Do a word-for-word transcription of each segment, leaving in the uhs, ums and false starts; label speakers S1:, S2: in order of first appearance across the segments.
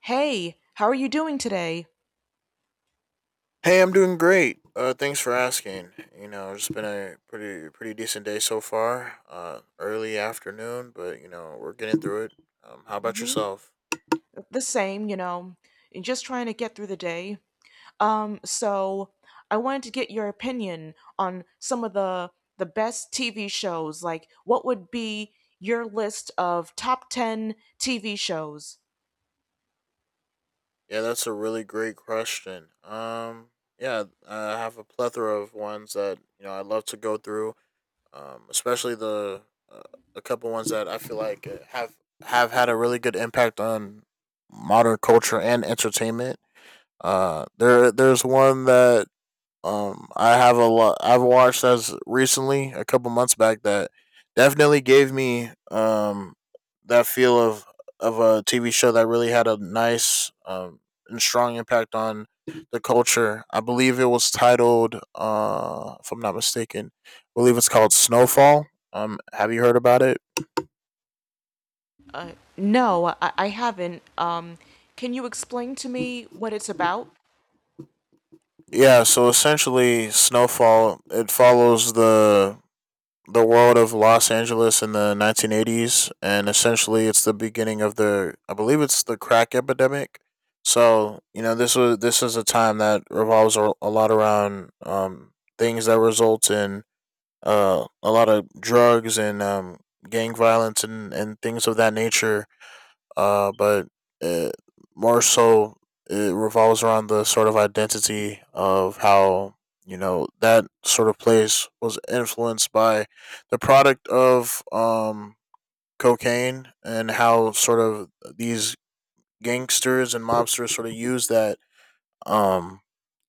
S1: Hey, how are you doing today?
S2: Hey, I'm doing great. Uh, thanks for asking. You know, it's been a pretty pretty decent day so far. Uh, early afternoon, but you know we're getting through it. Um, how about
S1: hmm
S2: yourself?
S1: The same, you know, and just trying to get through the day. Um, so I wanted to get your opinion on some of the the best T V shows. Like, what would be your list of top ten T V shows?
S2: Yeah, that's a really great question. Um, yeah, I have a plethora of ones that you know I'd love to go through. Um, especially the uh, a couple ones that I feel like uh, have have had a really good impact on modern culture and entertainment. Uh, there there's one that Um, I have a lot. I've watched as recently a couple months back that definitely gave me um that feel of of a T V show that really had a nice um and strong impact on the culture. I believe it was titled, uh, if I'm not mistaken, I believe it's called Snowfall. Um, have you heard about it?
S1: Uh, no, I, I haven't. Um, can you explain to me what it's about?
S2: Yeah. So essentially, Snowfall it follows the the world of Los Angeles in the nineteen eighties, and essentially it's the beginning of the, I believe it's the crack epidemic. So you know this was this is a time that revolves a lot around um, things that result in uh, a lot of drugs and um, gang violence and, and things of that nature, uh, but it, more so it revolves around the sort of identity of how you know that sort of place was influenced by the product of um, cocaine, and how sort of these gangsters and mobsters sort of use that um,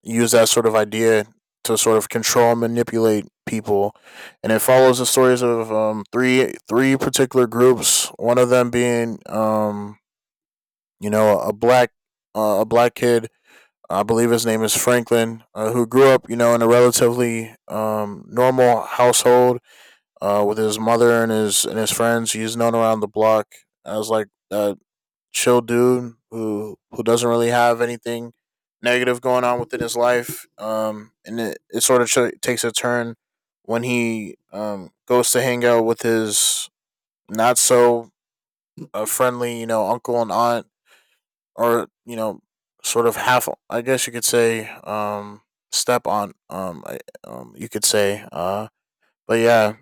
S2: use that sort of idea to sort of control and manipulate people, and it follows the stories of um, three three particular groups, one of them being um, you know, a black uh, a black kid. I believe his name is Franklin, uh, who grew up, you know, in a relatively um, normal household, uh, with his mother and his and his friends. He's known around the block as like a chill dude who who doesn't really have anything negative going on within his life. Um, and it, it sort of ch- takes a turn when he, um, goes to hang out with his not so uh, friendly, you know, uncle and aunt, or you know sort of half, I guess you could say, um step on, um I, um you could say, uh but yeah,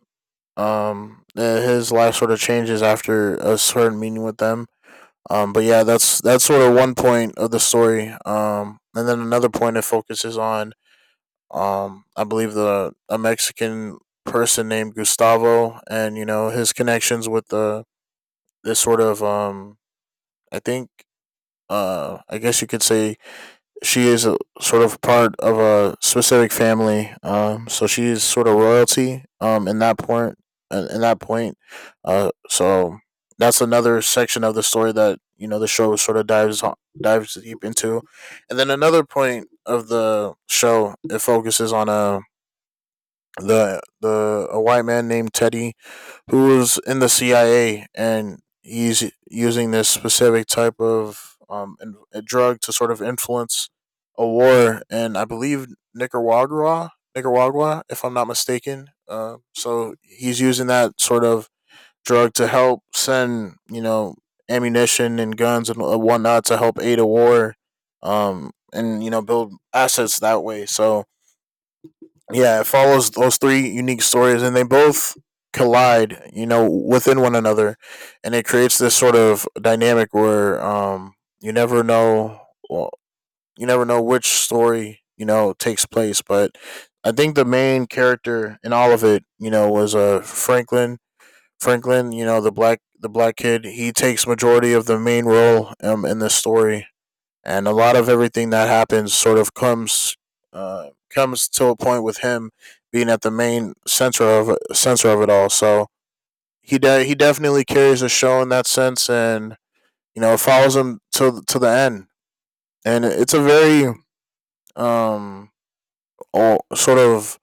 S2: um uh, his life sort of changes after a certain meeting with them. Um but yeah, that's that's sort of one point of the story. Um and then another point, it focuses on, um I believe, the a Mexican person named Gustavo, and you know his connections with the this sort of, um I think, uh I guess you could say, she is a, sort of part of a specific family. Um, so she is sort of royalty. Um, in that point, uh, in that point, uh, so that's another section of the story that you know the show sort of dives dives deep into. And then another point of the show, it focuses on a the the a white man named Teddy, who was in the C I A, and he's using this specific type of, um, in, a drug to sort of influence a war, and, I believe, Nicaragua, Nicaragua, if I'm not mistaken. Uh, so he's using that sort of drug to help send, you know, ammunition and guns and whatnot to help aid a war, um, and you know, build assets that way. So yeah, it follows those three unique stories, and they both collide, you know, within one another, and it creates this sort of dynamic where, um, you never know, well, you never know which story you know takes place. But I think the main character in all of it, you know, was uh Franklin. Franklin, you know, the black the black kid. He takes majority of the main role, um, in this story, and a lot of everything that happens sort of comes uh, comes to a point, with him being at the main center of center of it all. So he de- he definitely carries a show in that sense, and you know it follows him to to the end. And it's a very, um oh, sort of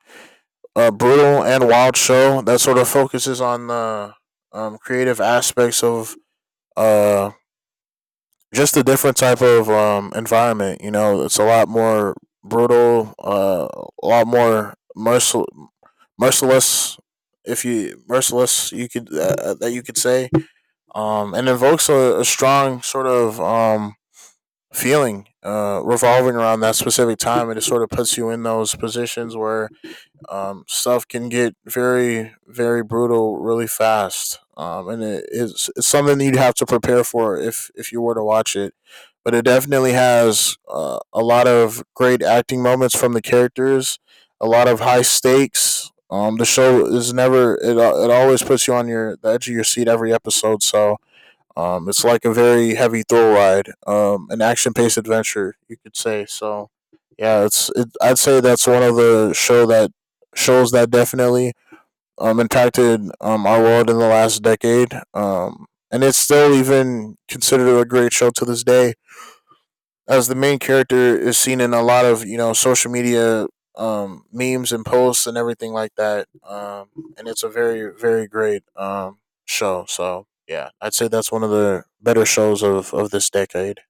S2: uh, brutal and wild show that sort of focuses on the, um, creative aspects of, uh just a different type of, um, environment. You know, it's a lot more brutal, uh, a lot more mercil- merciless. If you merciless, you could, uh, uh, that you could say, um, and invokes a, a strong sort of, um, feeling, uh, revolving around that specific time, and it sort of puts you in those positions where, um, stuff can get very, very brutal really fast, um, and it's, it's something that you'd have to prepare for if if you were to watch it. But it definitely has, uh, a lot of great acting moments from the characters, a lot of high stakes. Um, the show is never it, it always puts you on your the edge of your seat every episode. So, um, it's like a very heavy thrill ride, um, an action-paced adventure, you could say. So yeah, it's it, I'd say that's one of the show that shows that definitely, um, impacted, um, our world in the last decade, um, and it's still even considered a great show to this day, as the main character is seen in a lot of you know social media, um, memes and posts and everything like that. Um, and it's a very very great, um, show. So yeah, I'd say that's one of the better shows of of this decade.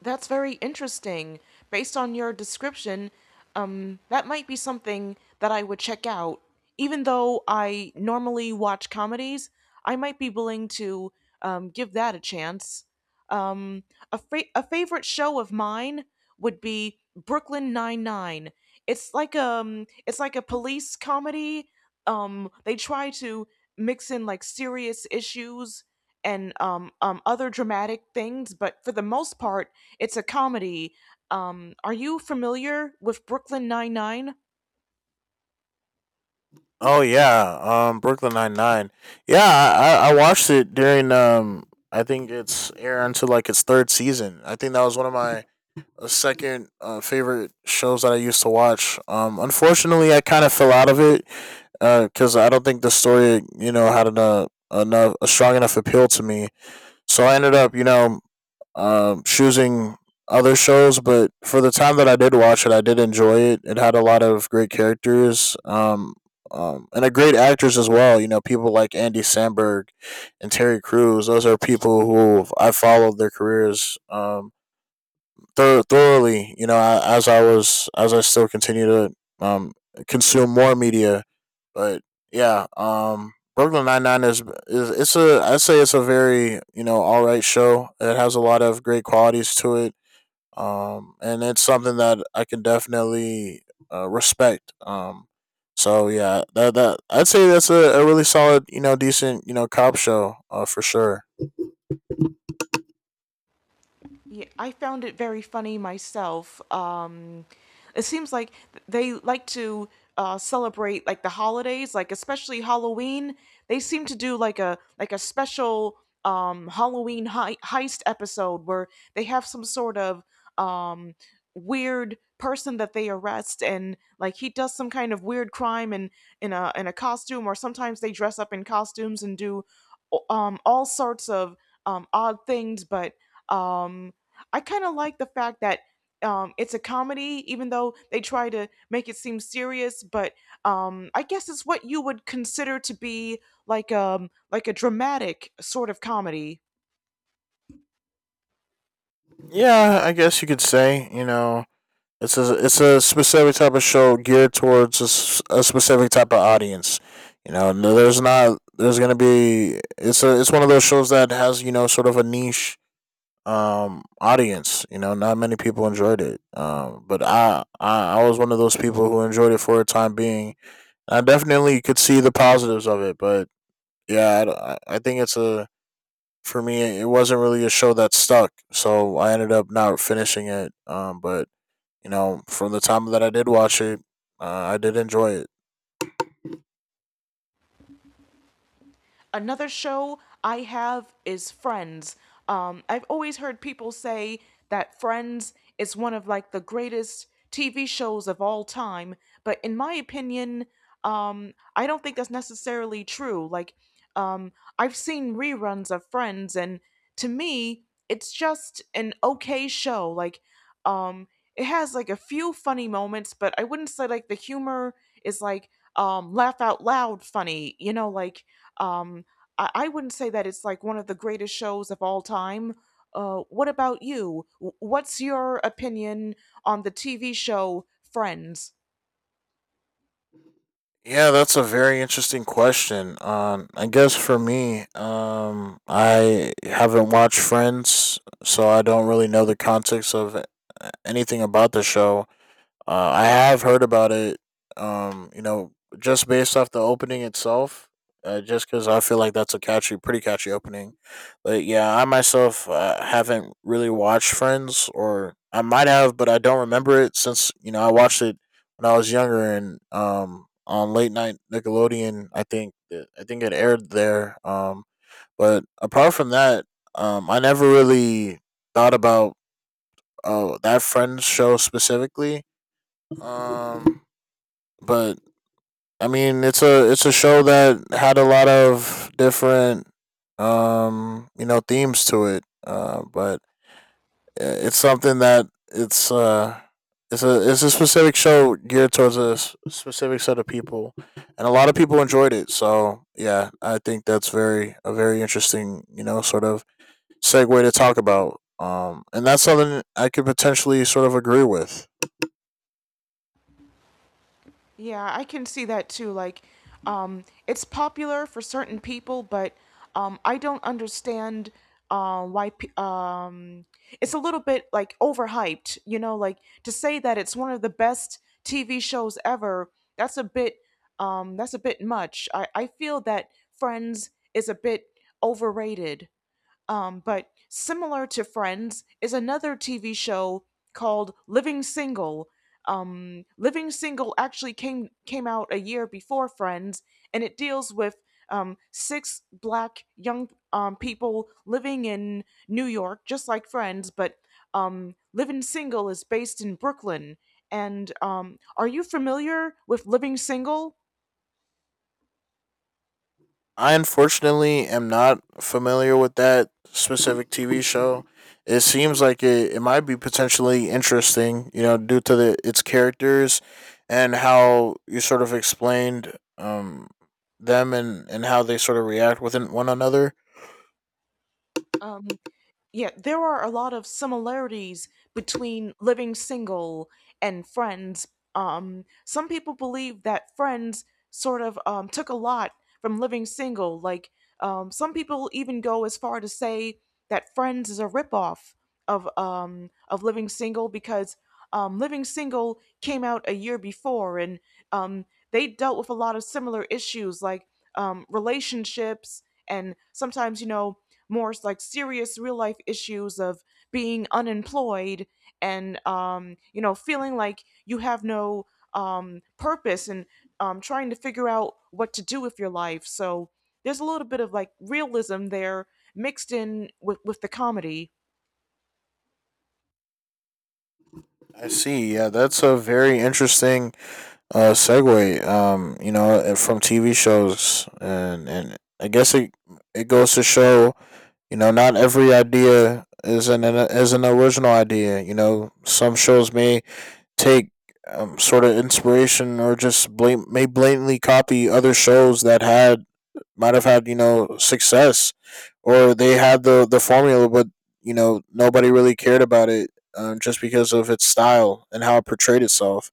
S1: That's very interesting. Based on your description, um, that might be something that I would check out. Even though I normally watch comedies, I might be willing to um, give that a chance. Um, a, fa- a favorite show of mine would be Brooklyn Nine Nine. It's like um, it's like a police comedy. Um, they try to mix in like serious issues and um, um, other dramatic things, but for the most part, it's a comedy. Um, are you familiar with Brooklyn Nine Nine?
S2: Oh yeah, um, Brooklyn Nine Nine. Yeah, I, I watched it during. Um, I think it's aired until like its third season. I think that was one of my uh, second uh, favorite shows that I used to watch. Um, unfortunately, I kind of fell out of it, because I don't think the story, you know, had enough, enough a strong enough appeal to me. So I ended up, you know, um, choosing other shows. But for the time that I did watch it, I did enjoy it. It had a lot of great characters, um, um, and a great actors as well. You know, people like Andy Samberg and Terry Crews. Those are people who I followed their careers, um, thor- thoroughly. You know, I, as I was as I still continue to, um, consume more media, but yeah, um, Brooklyn Nine Nine is is it's a I'd say it's a very, you know all right show. It has a lot of great qualities to it, um, and it's something that I can definitely, uh, respect. Um, so yeah, that that I'd say that's a, a really solid, you know decent, you know cop show, uh, for sure.
S1: Yeah, I found it very funny myself. Um, it seems like they like to uh, celebrate like the holidays, like especially Halloween. They seem to do like a like a special um, Halloween hei- heist episode where they have some sort of um, weird person that they arrest and like he does some kind of weird crime in in a in a costume, or sometimes they dress up in costumes and do um all sorts of um odd things. But um I kind of like the fact that um, it's a comedy, even though they try to make it seem serious. But um, I guess it's what you would consider to be like um like a dramatic sort of comedy.
S2: Yeah, I guess you could say, you know It's a it's a specific type of show geared towards a, s- a specific type of audience. You know, no, there's not, there's gonna be it's a it's one of those shows that has, you know sort of a niche, um audience. You know, not many people enjoyed it. Um, but I, I I was one of those people who enjoyed it for a time being. I definitely could see the positives of it, but yeah, I d- I, I think it's a for me, it wasn't really a show that stuck, so I ended up not finishing it. Um, but you know, from the time that I did watch it, uh, I did enjoy it.
S1: Another show I have is Friends. Um, I've always heard people say that Friends is one of like the greatest T V shows of all time, but in my opinion, um, I don't think that's necessarily true. Like, um, I've seen reruns of Friends, and to me, it's just an okay show. Like, um, it has like a few funny moments, but I wouldn't say like the humor is like um laugh out loud funny. You know, like um I, I wouldn't say that it's like one of the greatest shows of all time. Uh, what about you? W- What's your opinion on the T V show Friends?
S2: Yeah, that's a very interesting question. Um, I guess for me, um, I haven't watched Friends, so I don't really know the context of, uh, anything about the show. Uh, I have heard about it. Um, you know, just based off the opening itself, uh, just because I feel like that's a catchy, pretty catchy opening. But yeah, I myself, uh, haven't really watched Friends, or I might have, but I don't remember it, since you know I watched it when I was younger and, um on late night Nickelodeon. I think it- I think it aired there. Um, but apart from that, um, I never really thought about, oh, that Friends show specifically. Um, but I mean, it's a it's a show that had a lot of different, um, you know, themes to it. Uh, but, uh, it's something that, it's uh, it's a it's a specific show geared towards a s- specific set of people, and a lot of people enjoyed it. So yeah, I think that's very a very interesting, you know, sort of segue to talk about. Um, and that's something I could potentially sort of agree with.
S1: Yeah, I can see that too. Like, um, it's popular for certain people, but um, I don't understand uh, why. Pe- um, it's a little bit like overhyped, you know. Like to say that it's one of the best T V shows ever. That's a bit. Um, that's a bit much. I I feel that Friends is a bit overrated. Um, but similar to Friends is another T V show called Living Single. Um, Living Single actually came came out a year before Friends, and it deals with um, six black young um, people living in New York, just like Friends. But um, Living Single is based in Brooklyn. And um, are you familiar with Living Single?
S2: I unfortunately am not familiar with that specific T V show. It seems like it, it might be potentially interesting, you know, due to the its characters and how you sort of explained, um, them, and, and how they sort of react with one another.
S1: Um, Yeah, there are a lot of similarities between Living Single and Friends. Um, some people believe that Friends sort of um, took a lot from Living Single. Like, um, some people even go as far to say that Friends is a ripoff of um, of Living Single because um, Living Single came out a year before, and um, they dealt with a lot of similar issues like um, relationships and sometimes, you know, more like serious real life issues of being unemployed and um, you know feeling like you have no um, purpose and um, trying to figure out what to do with your life. So there's a little bit of like realism there mixed in with, with the comedy.
S2: I see. Yeah, that's a very interesting uh, segue. Um, you know, uh, from T V shows, and and I guess it it goes to show. You know, not every idea is an an- is an original idea. You know, some shows may take um, sort of inspiration or just blame, may blatantly copy other shows that had might have had you know success, or they had the the formula, but you know nobody really cared about it, um, just because of its style and how it portrayed itself.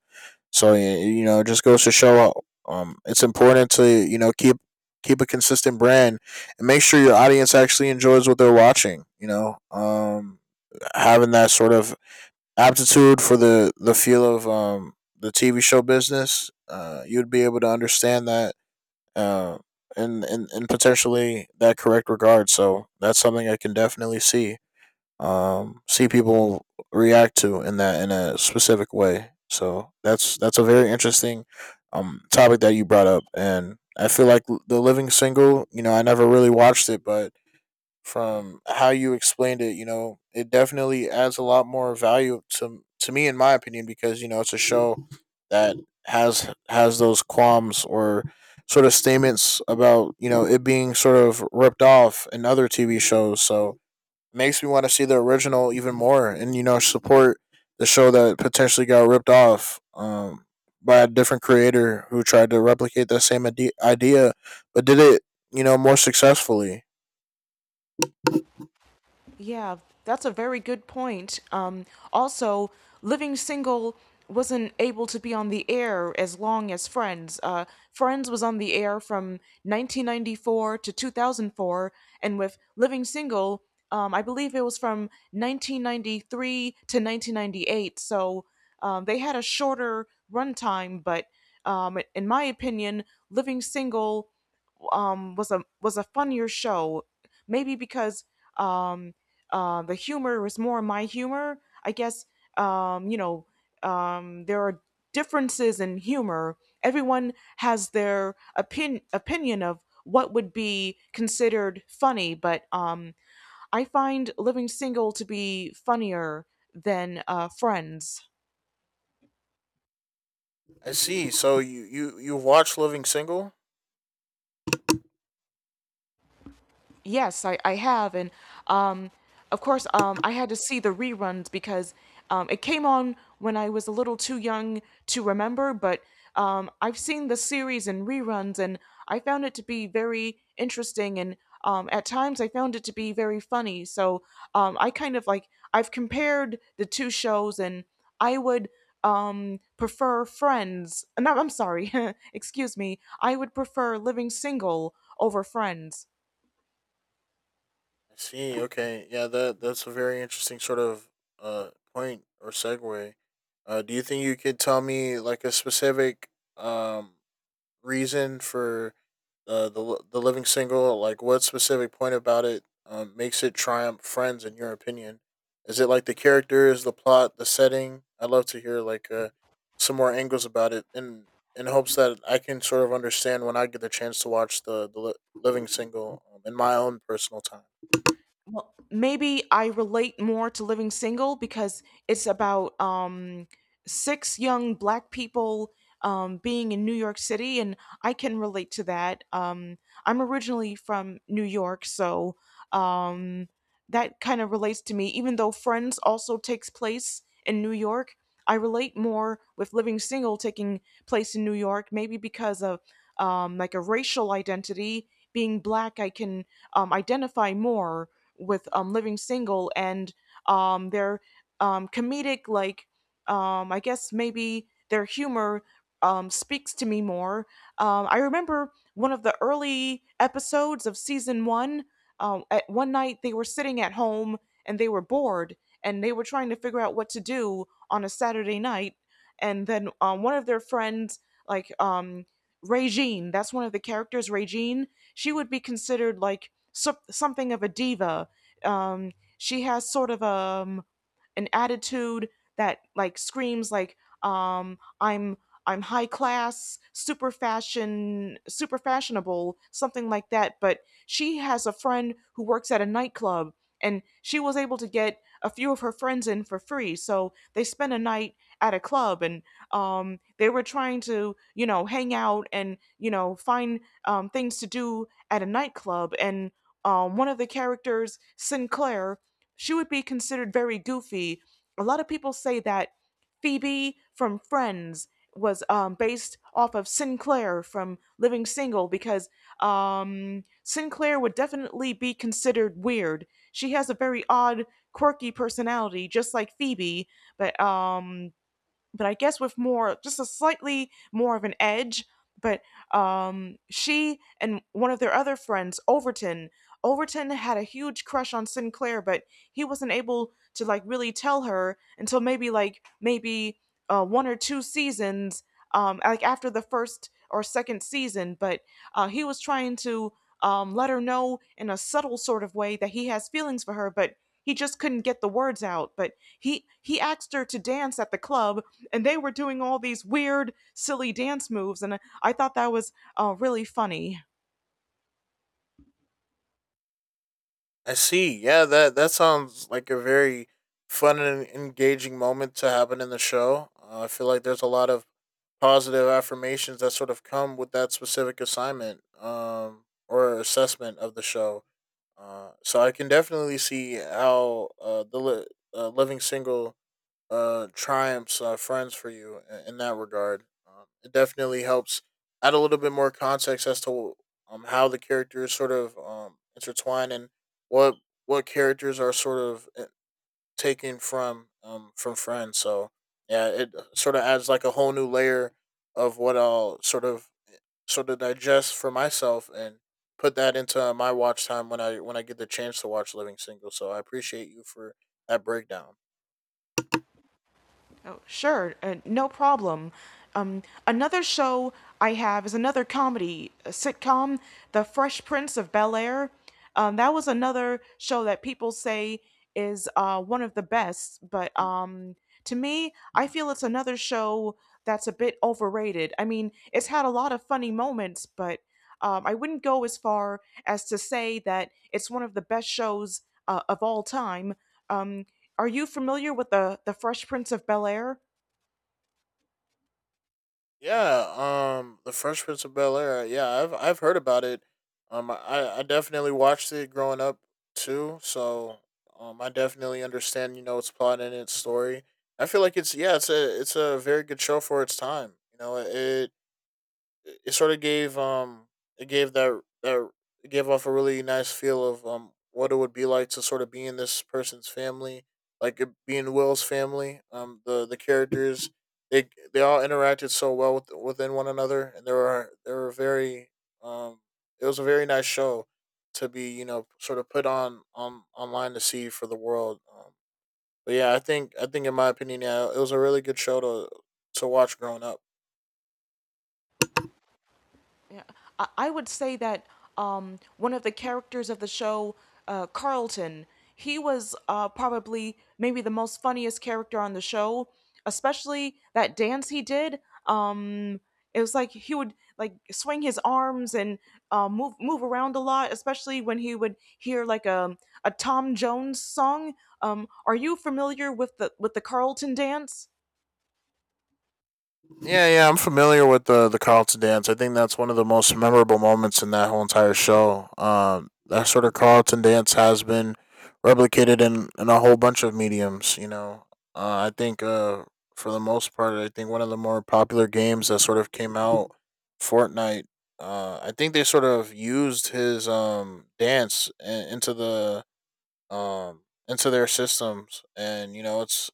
S2: So y- you know, it just goes to show uh, um it's important to you know keep keep a consistent brand and make sure your audience actually enjoys what they're watching. You know, um, having that sort of aptitude for the the feel of um the T V show business, uh, you'd be able to understand that uh, and and and potentially that correct regard. So that's something I can definitely see, um, see people react to in that in a specific way. So that's that's a very interesting, um, topic that you brought up, and I feel like the Living Single. You know, I never really watched it, but from how you explained it, you know, it definitely adds a lot more value to to me, in my opinion, because you know it's a show that has has those qualms or sort of statements about you know it being sort of ripped off in other T V shows. So makes me want to see the original even more, and you know support the show that potentially got ripped off, um, by a different creator who tried to replicate that same idea but did it, you know, more successfully.
S1: Yeah, that's a very good point. Um, also, Living Single wasn't able to be on the air as long as Friends. Uh, Friends was on the air from nineteen ninety-four to two thousand four, and with Living Single, um, I believe it was from nineteen ninety-three to nineteen ninety-eight. So um, they had a shorter runtime, but um, in my opinion, Living Single um was a was a funnier show, maybe because um uh, the humor was more my humor, I guess. um you know um there are differences in humor. Everyone has their opin- opinion of what would be considered funny, but um I find Living Single to be funnier than uh Friends.
S2: I see, so you you you watched Living Single.
S1: Yes, I, I have. And um, of course, um, I had to see the reruns because um, it came on when I was a little too young to remember. But um, I've seen the series in reruns, and I found it to be very interesting. And um, at times I found it to be very funny. So um, I kind of like, I've compared the two shows, and I would um prefer Friends. No, I'm sorry, excuse me, I would prefer Living Single over Friends.
S2: I see. Okay, yeah, that that's a very interesting sort of uh point or segue. Uh, do you think you could tell me like a specific, um reason for the the the Living Single? Like, what specific point about it, um, makes it triumph Friends in your opinion? Is it like the characters, the plot, the setting? I'd love to hear like uh, some more angles about it, in in hopes that I can sort of understand when I get the chance to watch the the li- living single, um, in my own personal time.
S1: Well, maybe I relate more to Living Single because it's about um, six young black people um, being in New York City, and I can relate to that. Um, I'm originally from New York, so um, that kind of relates to me. Even though Friends also takes place in New York, I relate more with Living Single taking place in New York, maybe because of um, like a racial identity. Being black, I can um, identify more with um, Living Single and um, their um, comedic, like, um, I guess maybe their humor um, speaks to me more. Um, I remember one of the early episodes of season one. Um, at one night, they were sitting at home and they were bored and they were trying to figure out what to do on a Saturday night. And then um, one of their friends, like um, Regine, that's one of the characters, Regine, she would be considered like so- something of a diva. um, she has sort of um an attitude that like screams like um I'm I'm high class, super fashion, super fashionable, something like that. But she has a friend who works at a nightclub, and she was able to get a few of her friends in for free. So they spent a night at a club, and um, they were trying to, you know, hang out and you know find um, things to do at a nightclub. And um, one of the characters, Sinclair, she would be considered very goofy. A lot of people say that Phoebe from Friends was um, based off of Sinclair from Living Single because um, Sinclair would definitely be considered weird. She has a very odd, quirky personality, just like Phoebe, but um, but I guess with more, just a slightly more of an edge. But um, she and one of their other friends, Overton, Overton had a huge crush on Sinclair, but he wasn't able to like really tell her until maybe like maybe uh, one or two seasons, um, like after the first or second season. But uh, he was trying to um, let her know in a subtle sort of way that he has feelings for her, but he just couldn't get the words out. But he he asked her to dance at the club, and they were doing all these weird, silly dance moves, and I thought that was uh, really funny.
S2: I see. Yeah, that that sounds like a very fun and engaging moment to happen in the show. Uh, I feel like there's a lot of positive affirmations that sort of come with that specific assignment, um, or assessment of the show. Uh, so I can definitely see how uh, the li- uh, living single uh, triumphs uh, friends for you in, in that regard. Um, it definitely helps add a little bit more context as to, um, how the characters sort of, um, intertwine and what what characters are sort of uh, taken from, um, from friends. So yeah, it uh, sort of adds like a whole new layer of what I'll sort of sort of digest for myself and put that into my watch time when I when I get the chance to watch Living Single. So I appreciate you for that breakdown.
S1: Oh, sure, uh, no problem. Um, another show I have is another comedy uh, sitcom, The Fresh Prince of Bel Air. Um, that was another show that people say is uh, one of the best, but um, to me, I feel it's another show that's a bit overrated. I mean, it's had a lot of funny moments, but Um, I wouldn't go as far as to say that it's one of the best shows uh, of all time. Um, are you familiar with the the Fresh Prince of Bel Air?
S2: Yeah, um, The Fresh Prince of Bel Air. Yeah, I've I've heard about it. Um, I I definitely watched it growing up too. So, um, I definitely understand you know its plot and its story. I feel like it's yeah, it's a it's a very good show for its time. You know, it it, it sort of gave um it gave that that it gave off a really nice feel of um what it would be like to sort of be in this person's family, like it, being Will's family. Um, the the characters they they all interacted so well with, within one another, and there were there were very um it was a very nice show to be you know sort of put on on online to see for the world. Um, but yeah, I think I think in my opinion, yeah, it was a really good show to to watch growing up.
S1: Yeah, I, I would say that um, one of the characters of the show, uh, Carlton, he was uh, probably maybe the most funniest character on the show. Especially that dance he did. Um, it was like he would like swing his arms and uh, move move around a lot. Especially when he would hear like a a Tom Jones song. Um, are you familiar with the with the Carlton dance?
S2: Yeah, yeah, I'm familiar with the the Carlton dance. I think that's one of the most memorable moments in that whole entire show. Um, that sort of Carlton dance has been replicated in, in a whole bunch of mediums. You know, uh, I think uh, for the most part, I think one of the more popular games that sort of came out, Fortnite. Uh, I think they sort of used his um dance i- into the um into their systems, and you know, it's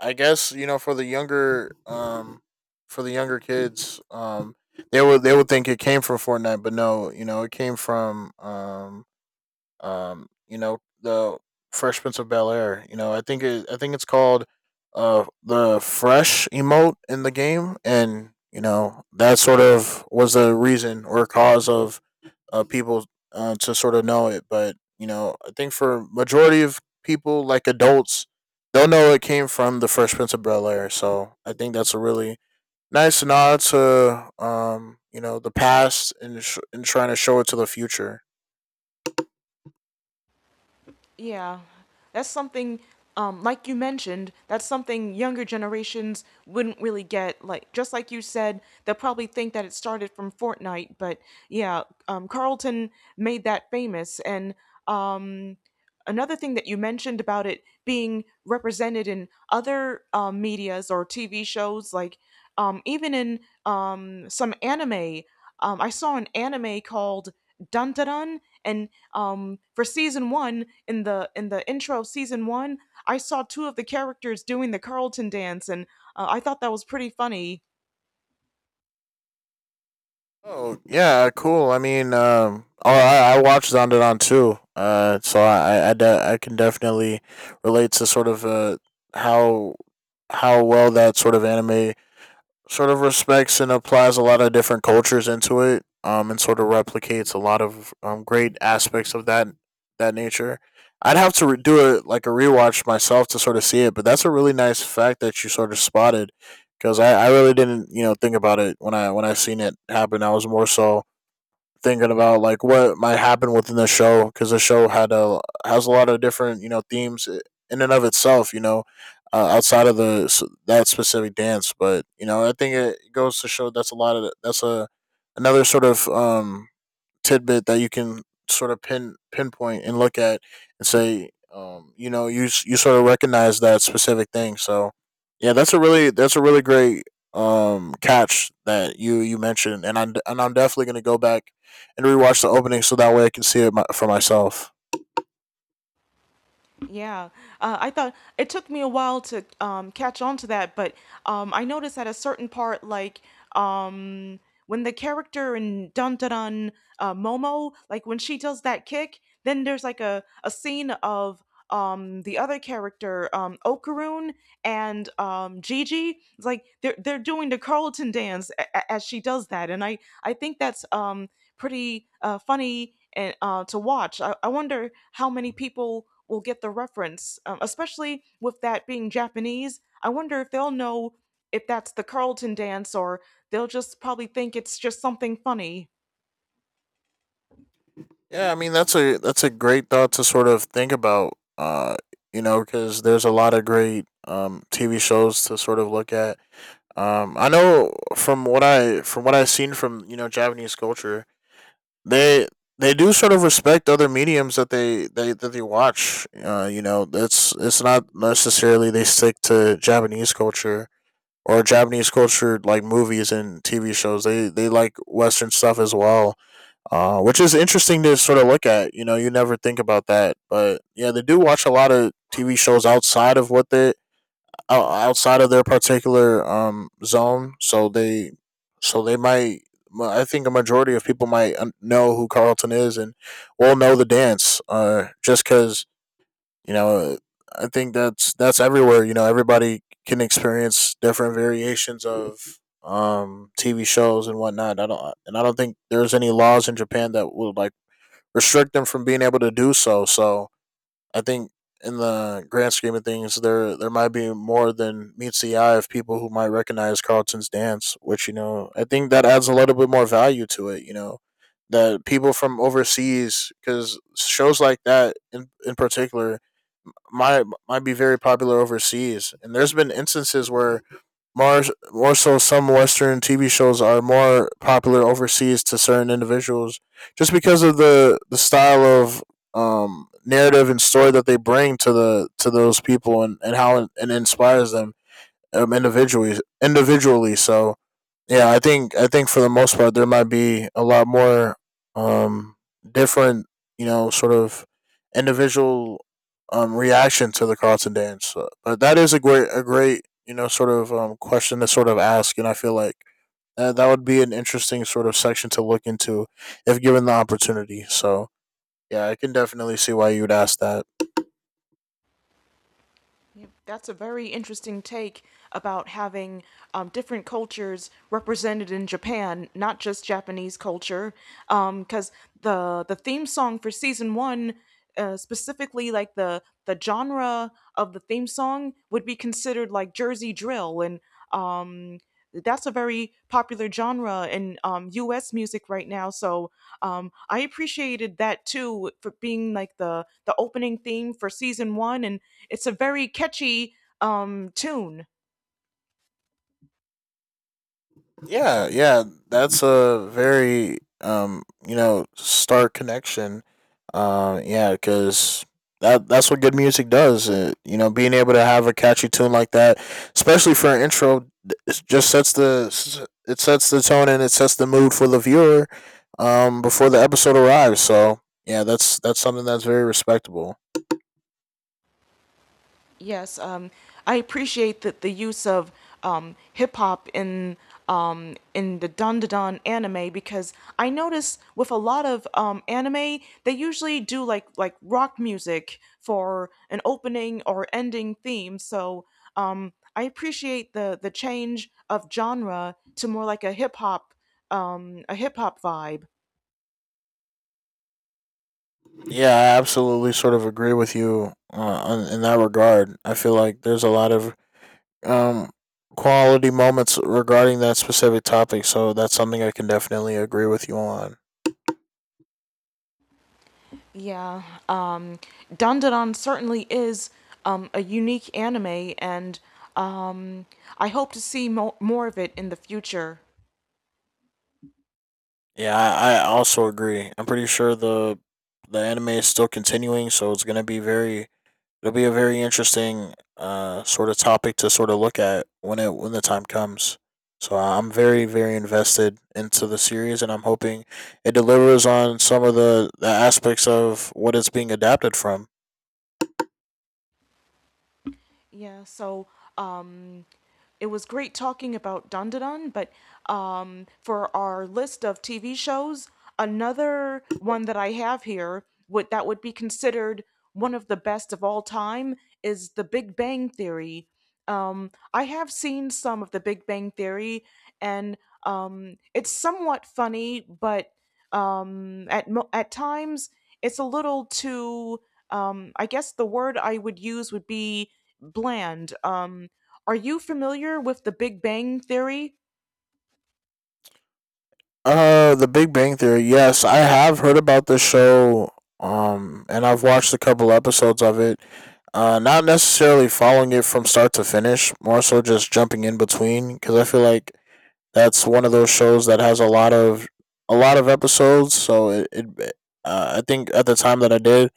S2: I guess you know for the younger um for the younger kids um they would they would think it came from Fortnite, but no, you know it came from um um, you know, the Fresh Prince of Bel Air. You know, I think it, I think it's called uh the fresh emote in the game, and you know that sort of was the reason or cause of uh people, uh, to sort of know it. But you know, I think for majority of people, like adults, they'll know it came from the Fresh Prince of Bel Air. So I think that's a really nice nod to um you know the past and sh- and trying to show it to the future.
S1: Yeah, that's something, um, like you mentioned, that's something younger generations wouldn't really get. Like, just like you said, they'll probably think that it started from Fortnite, but yeah, um, Carlton made that famous. And um, another thing that you mentioned about it being represented in other um, medias or T V shows, like um, even in um, some anime. Um, I saw an anime called Dun Dun Dun, and um, for season one, in the in the intro of season one, I saw two of the characters doing the Carlton dance, and uh, I thought that was pretty funny.
S2: Oh yeah, cool. I mean, um, oh, I I watched Zondervan too. Uh, so I I, de- I can definitely relate to sort of uh how how well that sort of anime sort of respects and applies a lot of different cultures into it, um, and sort of replicates a lot of um, great aspects of that that nature. I'd have to re- do it like a rewatch myself to sort of see it, but that's a really nice fact that you sort of spotted because I, I really didn't you know think about it when I when I seen it happen. I was more so thinking about like what might happen within the show because the show had a has a lot of different you know themes eh, in and of itself you know uh, outside of the that specific dance but you know I think it goes to show that's a lot of that's a another sort of um tidbit that you can sort of pin pinpoint and look at and say, um, you know, you s- you sort of recognize that specific thing. So, yeah, that's a really that's a really great um catch that you you mentioned, and I'm and I'm definitely gonna go back and rewatch the opening so that way I can see it my, for myself.
S1: Yeah, uh, I thought it took me a while to um, catch on to that, but um, I noticed at a certain part, like um, when the character in Dun Dun Dun uh, Momo, like when she does that kick, then there's like a, a scene of um, the other character, um, Okaroon and um, Gigi. It's like they're they're doing the Carlton dance a- a- as she does that, and I I think that's um, pretty uh, funny and uh, to watch. I, I wonder how many people will get the reference, um, especially with that being Japanese. I wonder if they'll know if that's the Carlton dance or they'll just probably think it's just something funny.
S2: Yeah, I mean that's a that's a great thought to sort of think about. Uh, you know, because there's a lot of great um T V shows to sort of look at. Um, I know from what I from what I've seen from you know Japanese culture, they they do sort of respect other mediums that they they that they watch. Uh, you know, it's it's not necessarily they stick to Japanese culture or Japanese culture like movies and T V shows. They they like Western stuff as well, uh, which is interesting to sort of look at. You know, you never think about that, but yeah, they do watch a lot of T V shows outside of what they outside of their particular um zone, so they so they might. Well, I think a majority of people might know who Carlton is and will know the dance. Uh, just because you know, I think that's that's everywhere. You know, everybody can experience different variations of um T V shows and whatnot. I don't and I don't think there's any laws in Japan that would like restrict them from being able to do so. So I think in the grand scheme of things, there there might be more than meets the eye of people who might recognize Carlton's dance, which you know I think that adds a little bit more value to it. You know that people from overseas, because shows like that in in particular might might be very popular overseas, and there's been instances where more, more so, some Western T V shows are more popular overseas to certain individuals just because of the, the style of, um, narrative and story that they bring to the to those people and, and how it, it inspires them, um, individually individually. So yeah, I think I think for the most part there might be a lot more um different, you know, sort of individual um reaction to the Carlton dance. Uh, But that is a great a great, you know, sort of um question to sort of ask, and I feel like that, that would be an interesting sort of section to look into if given the opportunity. So, yeah, I can definitely see why you would ask that.
S1: Yep, that's a very interesting take about having um, different cultures represented in Japan, not just Japanese culture. Because the the theme song for season one, uh, specifically like the the genre of the theme song, would be considered like Jersey drill and um, that's a very popular genre in um, U S music right now. So um, I appreciated that too for being like the the opening theme for season one, and it's a very catchy um, tune.
S2: Yeah, yeah, that's a very um, you know, stark connection. Um, yeah, because that that's what good music does. It, you know, being able to have a catchy tune like that, especially for an intro, it just sets the it sets the tone and it sets the mood for the viewer um before the episode arrives. So, yeah, that's that's something that's very respectable.
S1: Yes, um, I appreciate that the use of um, hip hop in um, in the Dandadan anime because I notice with a lot of um, anime they usually do like like rock music for an opening or ending theme. So um, I appreciate the the change of genre to more like a hip hop um, a hip hop vibe.
S2: Yeah, I absolutely sort of agree with you uh, on- in that regard. I feel like there's a lot of um, quality moments regarding that specific topic. So that's something I can definitely agree with you on.
S1: Yeah, um, Dandadan certainly is um, a unique anime, and um, I hope to see mo- more of it in the future.
S2: Yeah, I, I also agree. I'm pretty sure the the anime is still continuing, so it's gonna be very it'll be a very interesting uh, sort of topic to sort of look at when it when the time comes. So I'm very very invested into the series, and I'm hoping it delivers on some of the, the aspects of what it's being adapted from.
S1: Yeah, so um, it was great talking about Dundadun, but um, for our list of T V shows, another one that I have here would that would be considered one of the best of all time is The Big Bang Theory. Um, I have seen some of The Big Bang Theory, and um, it's somewhat funny, but um, at mo- at times it's a little too. Um, I guess the word I would use would be bland. Um, are you familiar with the Big Bang Theory?
S2: Uh, The Big Bang Theory. Yes, I have heard about this show. Um, and I've watched a couple episodes of it. Uh, not necessarily following it from start to finish, more so just jumping in between because I feel like that's one of those shows that has a lot of a lot of episodes. So it, it uh, I think at the time that I did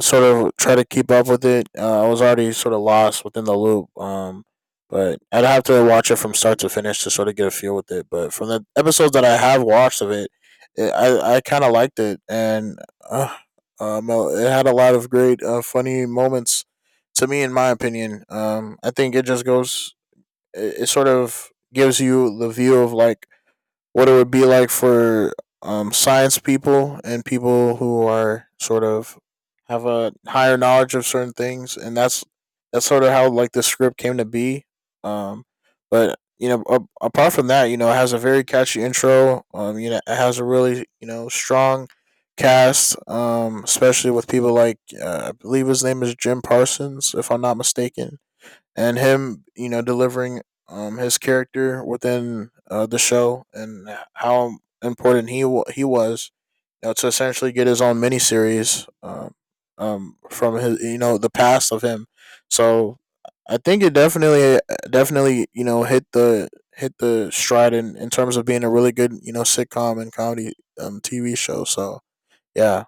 S2: sort of try to keep up with it, uh, I was already sort of lost within the loop. Um, but I'd have to watch it from start to finish to sort of get a feel with it. But from the episodes that I have watched of it, it I I kind of liked it, and uh, um, uh, it had a lot of great uh, funny moments. To me, in my opinion, um, I think it just goes. It, it sort of gives you the view of like what it would be like for um, science people and people who are sort of have a higher knowledge of certain things, and that's that's sort of how like the script came to be. Um, but you know, a- apart from that, you know, it has a very catchy intro. Um, you know, it has a really, you know, strong cast, um, especially with people like, uh, I believe his name is Jim Parsons, if I'm not mistaken, and him, you know, delivering um his character within, uh, the show and how important he wa he was, you know, to essentially get his own miniseries um um from his, you know, the past of him. So I think it definitely definitely you know hit the hit the stride in, in terms of being a really good, you know, sitcom and comedy um T V show. So yeah.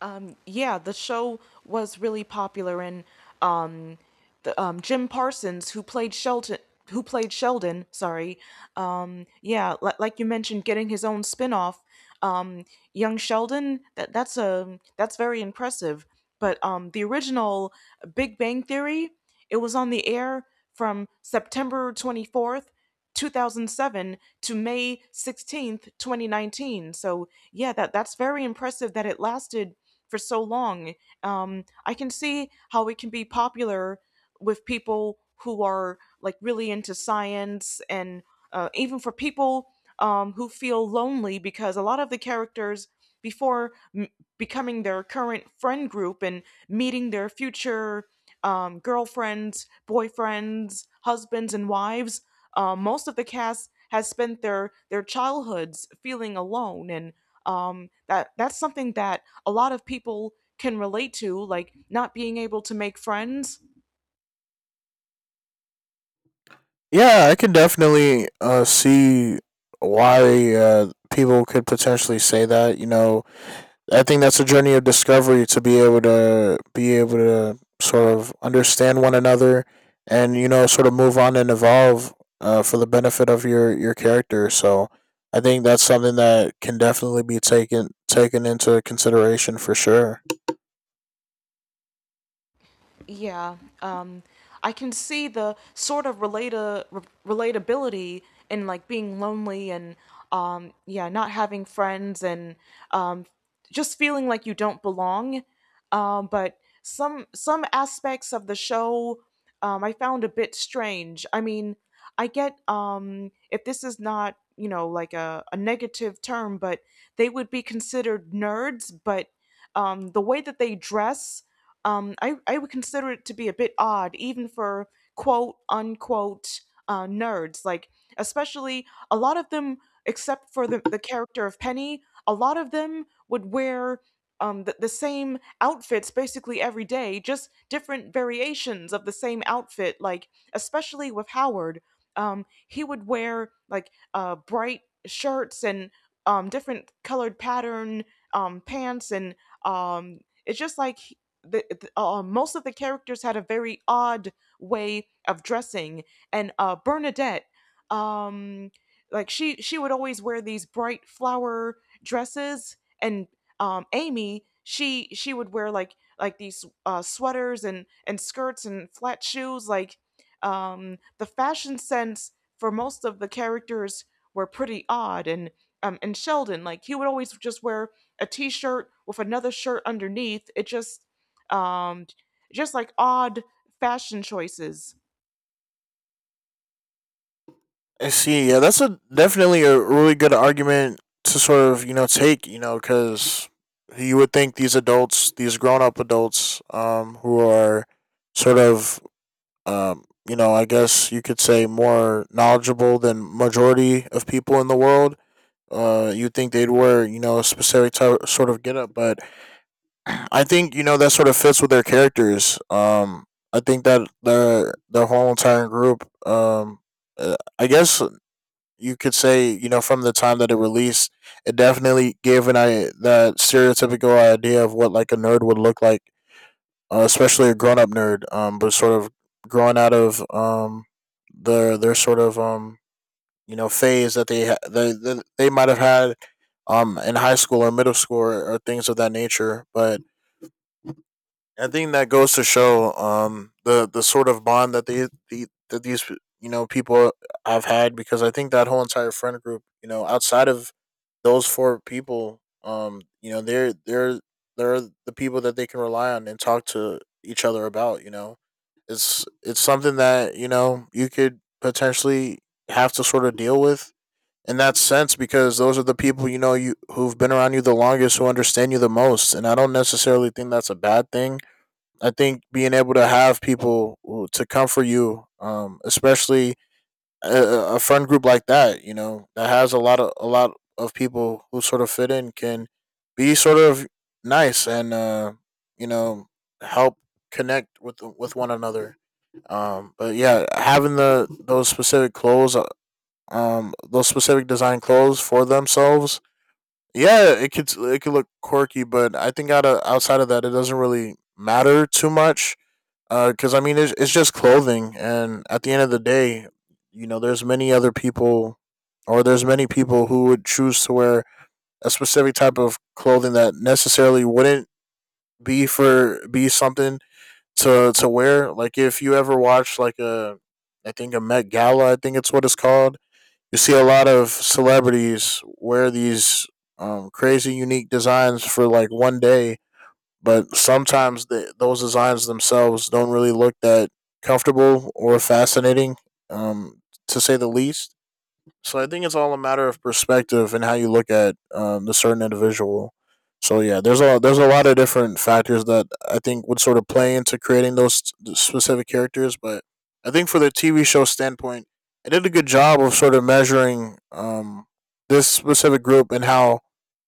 S1: Um, yeah, the show was really popular, and um, the, um, Jim Parsons, who played Shelton, who played Sheldon, sorry, um, yeah, li- like you mentioned, getting his own spin-off, um, young Sheldon. That that's a that's very impressive. But um, the original Big Bang Theory, it was on the air from September twenty fourth two thousand seven to May sixteenth, twenty nineteen. So yeah, that that's very impressive that it lasted for so long. Um, I can see how it can be popular with people who are like really into science and uh, even for people um, who feel lonely because a lot of the characters before m- becoming their current friend group and meeting their future um, girlfriends, boyfriends, husbands, and wives, um, most of the cast has spent their their childhoods feeling alone, and um, that that's something that a lot of people can relate to, like not being able to make friends.
S2: Yeah, I can definitely, uh, see why, uh, people could potentially say that. You know, I think that's a journey of discovery to be able to be able to sort of understand one another, and you know, sort of move on and evolve, uh, for the benefit of your your character. So, I think that's something that can definitely be taken taken into consideration for sure.
S1: Yeah, um, I can see the sort of relata- re- relatability in like being lonely and um, yeah, not having friends and um, just feeling like you don't belong. Um, but some some aspects of the show, um, I found a bit strange. I mean, I get um, if this is not, you know, like a, a negative term, but they would be considered nerds. But um, the way that they dress, um, I, I would consider it to be a bit odd, even for quote unquote uh, nerds. Like, especially a lot of them, except for the, the character of Penny, a lot of them would wear um, the, the same outfits basically every day, just different variations of the same outfit. Like, especially with Howard, um, he would wear like uh, bright shirts and um, different colored pattern um, pants and um, it's just like the, uh, most of the characters had a very odd way of dressing, and uh, Bernadette, um, like she she would always wear these bright flower dresses, and um, Amy, she she would wear like like these uh, sweaters and and skirts and flat shoes. Like, um, the fashion sense for most of the characters were pretty odd, and um, and Sheldon, like he would always just wear a t-shirt with another shirt underneath it, just um, just like odd fashion choices.
S2: I see. Yeah, that's a definitely a really good argument to sort of, you know, take. You know, because you would think these adults, these grown up adults, um, who are sort of um, you know, I guess you could say more knowledgeable than majority of people in the world. Uh, you think they'd wear, you know, a specific t- sort of get up, but I think you know that sort of fits with their characters. Um, I think that their their whole entire group. Um, uh, I guess you could say, you know, from the time that it released, it definitely gave an I that stereotypical idea of what like a nerd would look like, uh, especially a grown up nerd. Um, but sort of growing out of um their their sort of um you know phase that they ha- they, they they might have had um in high school or middle school, or, or things of that nature. But I think that goes to show um the the sort of bond that they the that these you know people have had because I think that whole entire friend group, you know, outside of those four people, um, you know, they're they're they're the people that they can rely on and talk to each other about. You know, it's it's something that you know you could potentially have to sort of deal with in that sense, because those are the people, you know, you who've been around you the longest, who understand you the most, and I don't necessarily think that's a bad thing. I think being able to have people who- to comfort you um, especially a, a friend group like that, you know, that has a lot of a lot of people who sort of fit in can be sort of nice and, uh, you know, help connect with with one another. Um, but yeah, having the those specific clothes, uh, um, those specific design clothes for themselves, yeah, it could it could look quirky, but I think out of, outside of that, it doesn't really matter too much because I mean it's it's just clothing, and at the end of the day, you know, there's many other people, or there's many people who would choose to wear a specific type of clothing that necessarily wouldn't be for be something to to wear. Like if you ever watch like a, I think a Met Gala, I think it's what it's called. You see a lot of celebrities wear these um, crazy unique designs for like one day, but sometimes the, those designs themselves don't really look that comfortable or fascinating, um, to say the least. So I think it's all a matter of perspective and how you look at um, the certain individual. So yeah, there's a there's a lot of different factors that I think would sort of play into creating those s- specific characters. But I think for the T V show standpoint, I did a good job of sort of measuring um, this specific group and how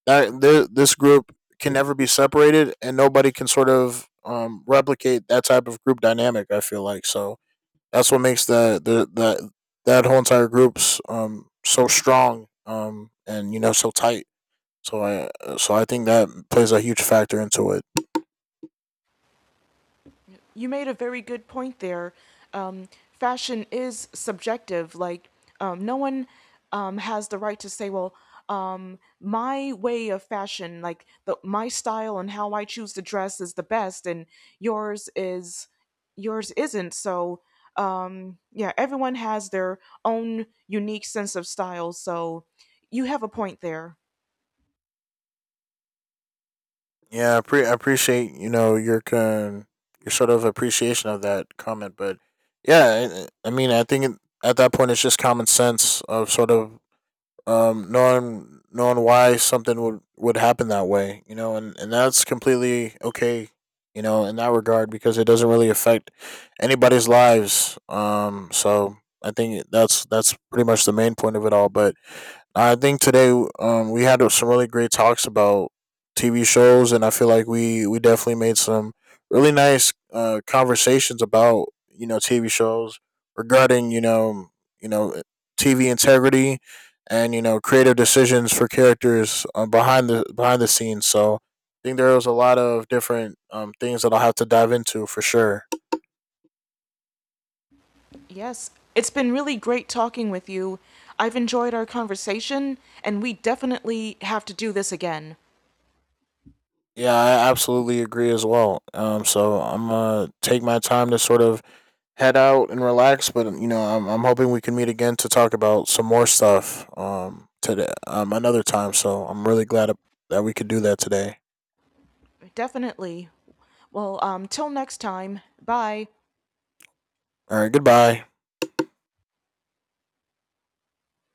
S2: that th- this group can never be separated and nobody can sort of um, replicate that type of group dynamic. I feel like so that's what makes that the that that whole entire group's um so strong um and you know so tight. So I so I think that plays a huge factor into it.
S1: You made a very good point there. Um, fashion is subjective. Like, um, no one um, has the right to say, well, um, my way of fashion, like the, my style and how I choose to dress is the best, and yours is yours isn't. So, um, yeah, everyone has their own unique sense of style. So, you have a point there.
S2: Yeah, I, pre- I appreciate you know your con- your sort of appreciation of that comment, but yeah, I, I mean I think it, at that point it's just common sense of sort of um, knowing knowing why something would would happen that way, you know, and and that's completely okay, you know, in that regard because it doesn't really affect anybody's lives. Um, so I think that's that's pretty much the main point of it all. But I think today um, we had some really great talks about T V shows, and I feel like we, we definitely made some really nice uh, conversations about you know T V shows regarding you know you know T V integrity and you know creative decisions for characters um, behind the behind the scenes. So I think there was a lot of different um, things that I'll have to dive into for sure.
S1: Yes, it's been really great talking with you. I've enjoyed our conversation, and we definitely have to do this again.
S2: Yeah, I absolutely agree as well. Um, so I'm gonna take my time to sort of head out and relax. But you know, I'm I'm hoping we can meet again to talk about some more stuff um today um another time. So I'm really glad that we could do that today.
S1: Definitely. Well, um, till next time, bye.
S2: All right, goodbye.